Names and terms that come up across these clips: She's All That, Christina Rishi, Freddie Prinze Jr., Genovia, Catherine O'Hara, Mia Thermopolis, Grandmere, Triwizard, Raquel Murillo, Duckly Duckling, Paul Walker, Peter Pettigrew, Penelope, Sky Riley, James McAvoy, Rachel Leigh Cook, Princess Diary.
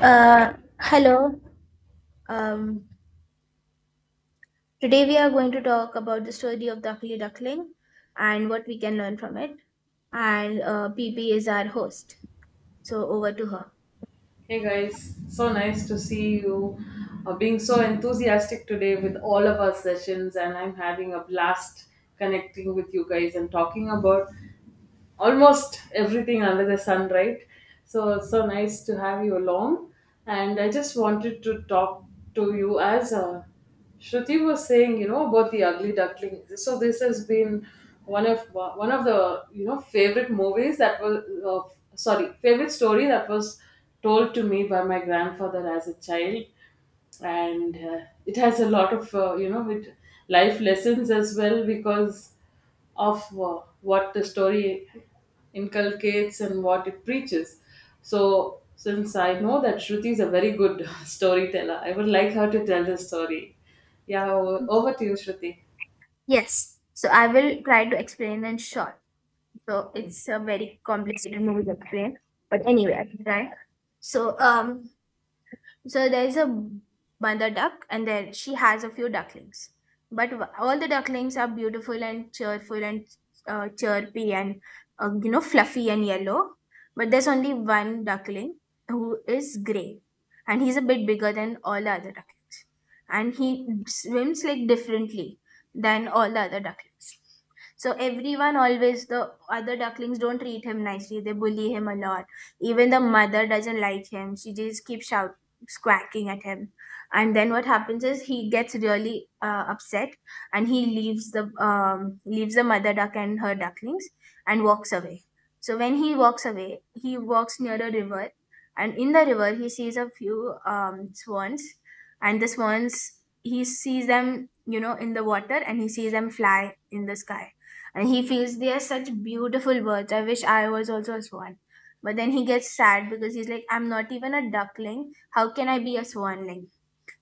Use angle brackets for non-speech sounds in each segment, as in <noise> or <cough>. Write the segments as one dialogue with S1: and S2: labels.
S1: Uh, Hello. Um, Today we are going to talk about the story of Duckly Duckling and what we can learn from it. And PP is our host. So over to her.
S2: Hey guys, so nice to see you being so enthusiastic today with all of our sessions, and I'm having a blast connecting with you guys and talking about almost everything under the sun, right? So it's so nice to have you along. And I just wanted to talk to you as Shruti was saying, you know, about the Ugly Duckling. So this has been one of the you know favorite movies that was sorry favorite story that was told to me by my grandfather as a child and it has a lot of you know with life lessons as well because of what the story inculcates and what it preaches. So, since I know that Shruti is a very good <laughs> storyteller, I would like her to tell the story. Yeah, over to you, Shruti.
S1: Yes. So I will try to explain in short. So it's a very complicated movie to explain. But anyway, I can try. So um, So there is a mother duck, and there she has a few ducklings. All the ducklings are beautiful and cheerful and chirpy and you know fluffy and yellow. But there's only one duckling who is gray, and he's a bit bigger than all the other ducklings, and he swims like differently than all the other ducklings. So everyone always the other ducklings don't treat him nicely. They bully him a lot. Even the mother doesn't like him. She just keeps shouting, squawking at him. And then what happens is he gets really upset and he leaves the mother duck and her ducklings and walks away. So when he walks away he walks near a river, and in the river he sees a few swans, and the swans, he sees them you know in the water and he sees them fly in the sky, and he feels they are such beautiful birds. I wish I was also a swan. But then he gets sad because he's like, I'm not even a duckling, how can I be a swan link?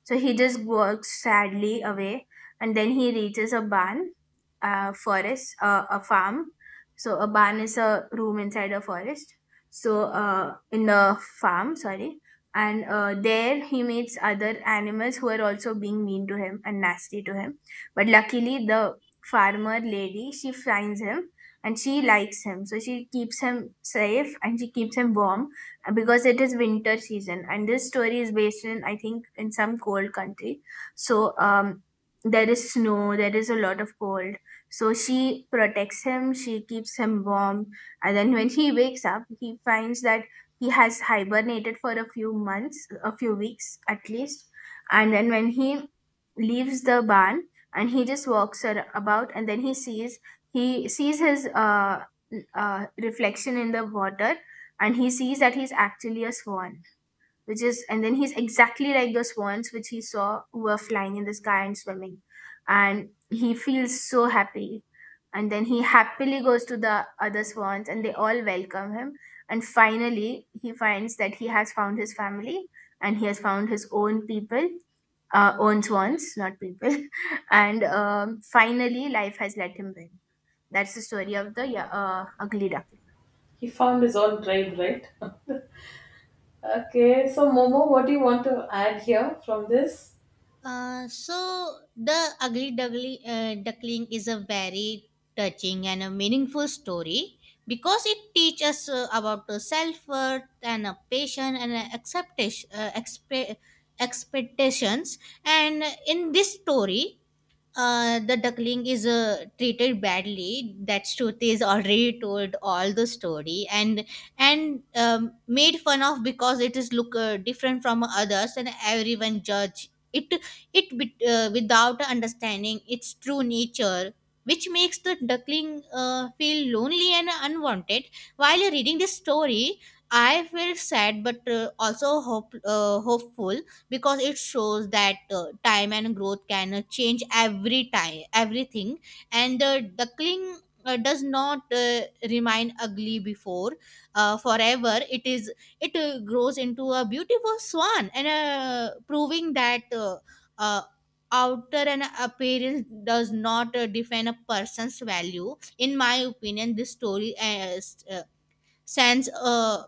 S1: So he just walks sadly away, and then he reaches a barn, a forest, a farm. So a barn is a room inside a forest. So in a farm, sorry. And there he meets other animals who are also being mean to him and nasty to him. But luckily, the farmer lady, she finds him and she likes him. So she keeps him safe and she keeps him warm, because it is winter season and this story is based in, I think, in some cold country. So there is snow, there is a lot of cold. So she protects him, she keeps him warm. And then when <laughs> he wakes up he finds that he has hibernated for a few months, a few weeks at least. And then when he leaves the barn and he just about, and then he sees his reflection in the water, and he sees that he's actually a swan, which is, and then he's exactly like the swans which he saw who were flying in the sky and swimming. And he feels so happy, and then he happily goes to the other swans and they all welcome him, and finally he finds that he has found his family and he has found his own people, own swans, not people. <laughs> And finally life has let him win. That's the story of the yeah, ugly duckling.
S2: He found his own tribe, right? <laughs> Okay, so Momo, what do you want to add here from this?
S3: So the ugly duckling, duckling is a very touching and a meaningful story because it teaches us about the self-worth and a patience and a acceptation, expectations. And in this story, the duckling is treated badly. That truth is already told all the story, and made fun of because it is look different from others, and everyone judge it without understanding its true nature, which makes the duckling feel lonely and unwanted. While reading this story, I felt sad but also hopeful because it shows that time and growth can change everything, and duckling does not remain ugly before forever. It grows into a beautiful swan, and proving that uh, outer and appearance does not define a person's value. In my opinion, this story sends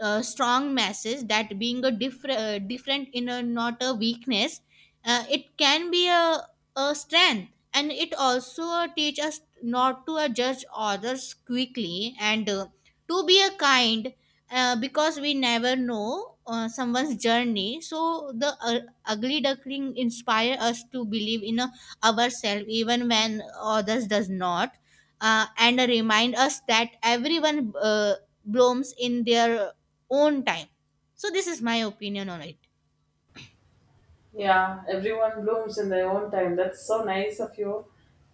S3: a strong message that being a different in a not a weakness. It can be a strength, and it also teach us not to judge others quickly, and to be a kind, because we never know someone's journey. So the ugly duckling inspire us to believe in ourselves even when others does not, and remind us that everyone blooms in their own time. So, this is my opinion on it.
S2: Yeah, everyone blooms in their own time. That's so nice of you.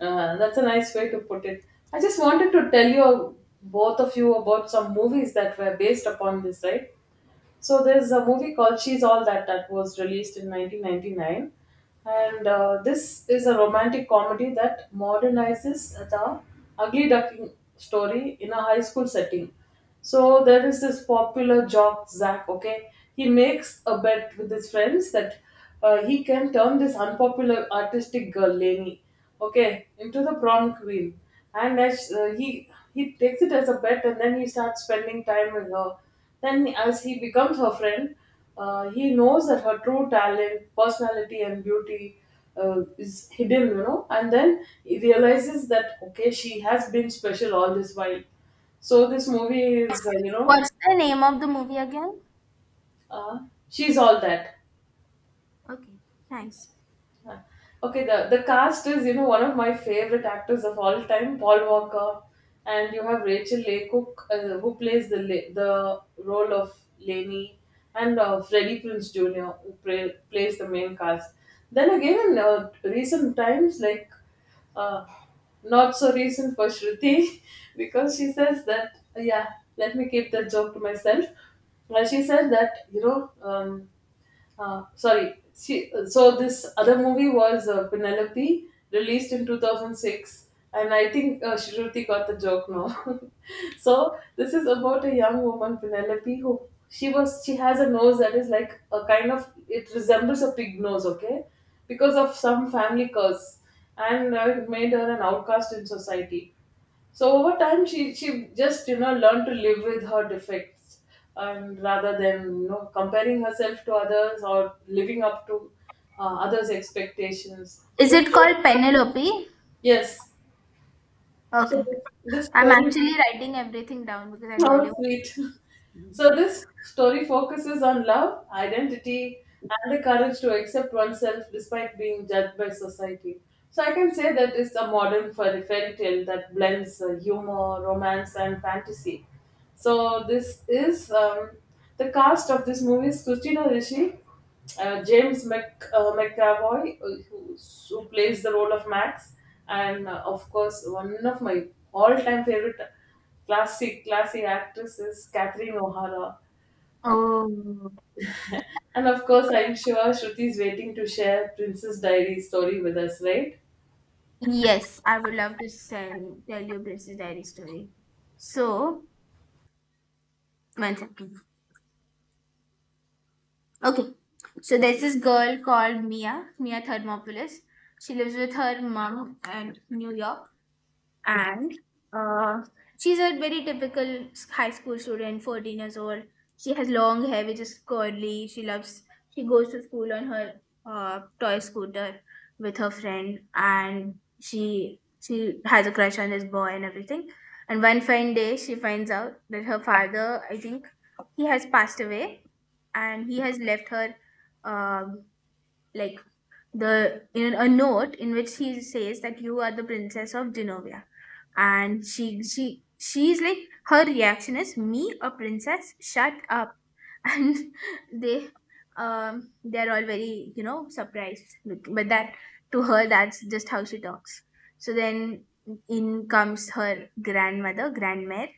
S2: That's a nice way to put it. I just wanted to tell you both of you about some movies that were based upon this, right? So there's a movie called She's All That that was released in 1999, and this is a romantic comedy that modernizes the ugly duckling story in a high school setting. So there is this popular jock Zach. Okay, he makes a bet with his friends that he can turn this unpopular artistic girl Lainey, okay, into the prom queen, and as he takes it as a bet, and then he starts spending time with her. Then, as he becomes her friend, he knows that her true talent, personality, and beauty is hidden, you know. And then he realizes that okay, she has been special all this while. So this movie is
S1: What's the name of the movie again?
S2: uh, she's all that.
S1: Okay, thanks.
S2: Huh. Okay, the cast is you know one of my favorite actors of all time, Paul Walker, and you have Rachel Leigh Cook who plays the role of Lainey, and Freddie Prinze Jr. who plays the main cast. Then again, in recent times, like uh, not so recent for Shruti <laughs> because she says that yeah, let me keep that joke to myself. Well, she said that you know sorry. So this other movie was Penelope, released in 2006, and I think Shruti got the joke now. <laughs> So this is about a young woman, Penelope, who she has a nose that is like a kind of it resembles a pig nose, okay, because of some family curse, and it made her an outcast in society. So over time, she just you know learned to live with her defects, and rather than you know comparing herself to others or living up to others' expectations.
S1: Is
S2: The
S1: it called
S2: story,
S1: Penelope?
S2: yes.
S1: Okay,
S2: So this
S1: I'm
S2: story.
S1: actually writing everything down because I really
S2: How
S1: want
S2: sweet.
S1: to watch this.
S2: So, this story focuses on love, identity, and the courage to accept oneself despite being judged by society. So, I can say that it's a modern fairy tale that blends humor, romance, and fantasy. So, this is the cast of this movie is Christina Rishi, McAvoy, who plays the role of Max, and of course, one of my all-time favorite classic classy actress is Catherine O'Hara,
S1: Oh,
S2: and of course, I'm sure Shruti is waiting to share Princess Diary story with us, right?
S1: yes. I would love to send, tell you Grace's diary story. So, one second. Okay, so there's this girl called Mia, Mia Thermopolis. She lives with her mom in New York. And uh, she's a very typical high school student, 14 years old. She has long hair which is curly. She loves, she goes to school on her toy scooter with her friend. And she has a crush on this boy and everything, and one fine day she finds out that her father, I think, he has passed away, and he has left her um, like, the, in a note in which he says that you are the princess of Genovia. And she's like, her reaction is, me a princess, shut up. <laughs> And they, they're all very you know surprised. Look, but that, to her that's just how she talks. So then in comes her grandmother, grandmare,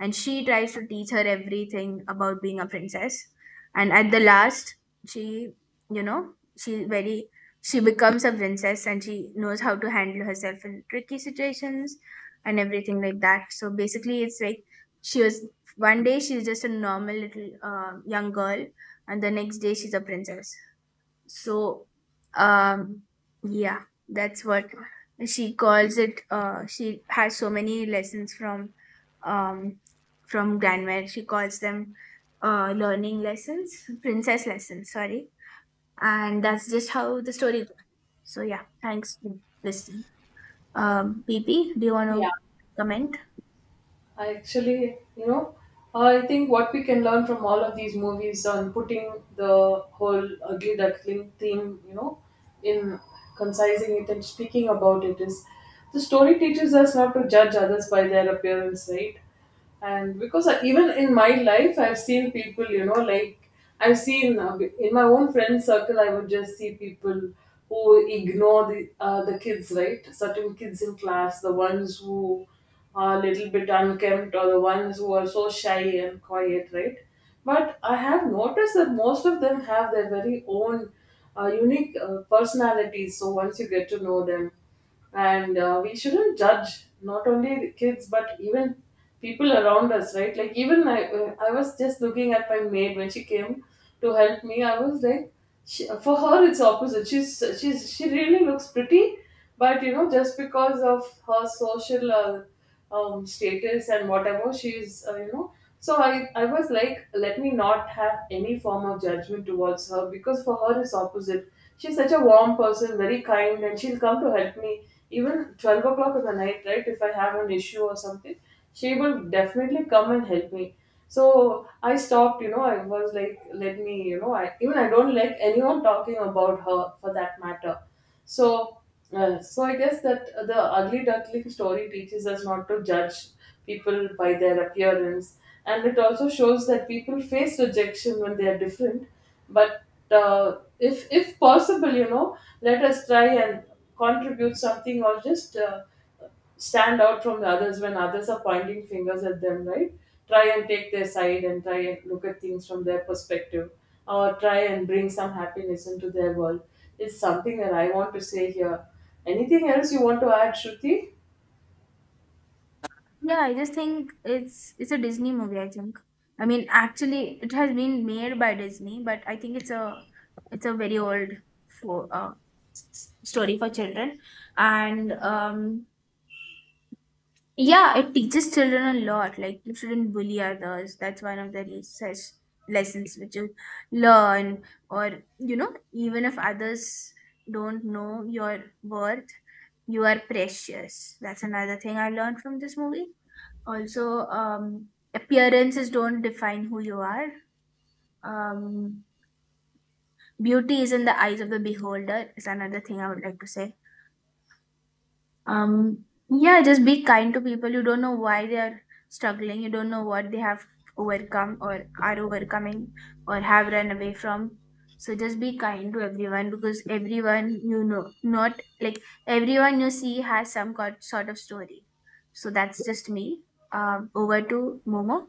S1: and she tries to teach her everything about being a princess. And at the last she, you know, she's very, she becomes a princess and she knows how to handle herself in tricky situations and everything like that. So basically it's like she was, one day she's just a normal little young girl and the next day she's a princess. So um yeah, that's what she calls it. She has so many lessons um from grandmere, she calls them learning lessons, princess lessons, sorry. And that's just how the story goes. So yeah, thanks for listening. PP, do you want to
S2: Yeah.
S1: comment?
S2: I actually, you know, I think what we can learn from all of these movies on putting the whole ugly duckling theme, you know, in concising it and speaking about it is the story teaches us not to judge others by their appearance, right? And because even in my life I've seen people you know like I've seen in my own friend circle I would just see people who ignore the kids right certain kids in class, the ones who are a little bit unkempt or the ones who are so shy and quiet, right? But I have noticed that most of them have their very own unique personalities so once you get to know them. And we shouldn't judge not only the kids but even people around us right like even I was just looking at my maid when she came to help me. I was like, she, for her it's opposite, she's she really looks pretty but you know just because of her social status and whatever she's you know, so I was like let me not have any form of judgment towards her because for her it's opposite, she's such a warm person, very kind, and she'll come to help me even 12 o'clock in the night, right? If I have an issue or something she will definitely come and help me. So I stopped, you know, I was like let me you know I even I don't like anyone talking about her for that matter. So so I guess that the ugly duckling story teaches us not to judge people by their appearance, and it also shows that people face rejection when they are different. But if possible, you know, let us try and contribute something or just stand out from the others when others are pointing fingers at them, right? Try and take their side and try and look at things from their perspective or try and bring some happiness into their world. It's something that I want to say here. Anything else you want to add, Shruti?
S1: Yeah, I just think it's a Disney movie, I think. I mean, actually, it has been made by Disney, but I think it's a, it's a very old, for story for children, and yeah, it teaches children a lot. Like you shouldn't bully others. That's one of the research lessons which you learn. Or you know, even if others don't know your worth, you are precious. That's another thing I learned from this movie. Also, appearances don't define who you are. Um, beauty is in the eyes of the beholder is another thing I would like to say. Yeah, just be kind to people. You don't know why they are struggling. You don't know what they have overcome or are overcoming or have run away from. So just be kind to everyone because everyone you know, not like everyone you see has some got, sort of story. So that's just me. Over to Momo.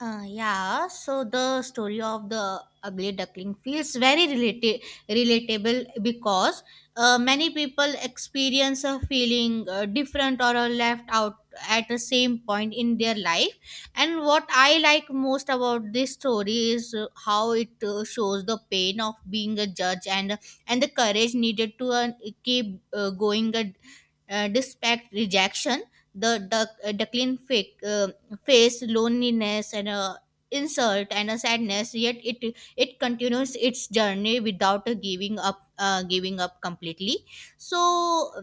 S3: Yeah, so the story of the ugly duckling feels very relatable because many people experience a feeling different or are left out at the same point in their life. And what I like most about this story is how it shows the pain of being a judge, and the courage needed to keep going, dispatch rejection, the decline fake face loneliness and insult and a sadness. Yet it continues its journey without giving up completely. So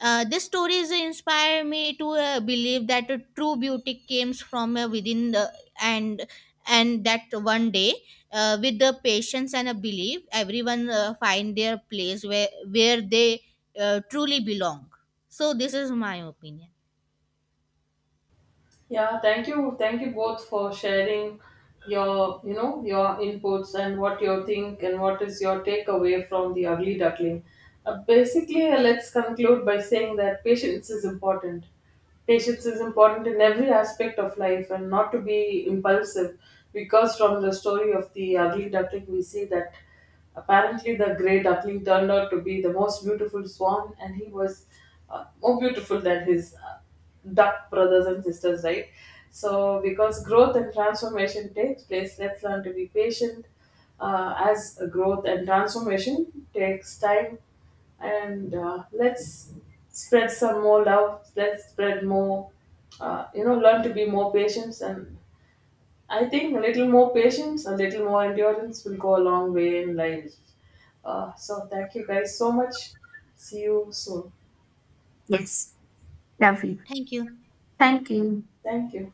S3: these stories inspire me to believe that a true beauty comes from within, the and that one day, with the patience and a belief, everyone find their place where they truly belong. So this is my opinion.
S2: Yeah, thank you. Thank you both for sharing your, you know, your inputs and what you think and what is your takeaway from the ugly duckling. Basically, let's conclude by saying that patience is important. Patience is important in every aspect of life and not to be impulsive because from the story of the ugly duckling, we see that apparently, the grey duckling turned out to be the most beautiful swan, and he was more beautiful than his duck brothers and sisters, right? So, because growth and transformation takes place, let's learn to be patient. As growth and transformation takes time, and let's spread some more love. Let's spread more, you know, learn to be more patient. And I think a little more patience, a little more endurance will go a long way in life. So, thank you guys so much. See you soon.
S1: Yes, lovely.
S3: Thank you.
S1: Thank you.
S2: Thank you.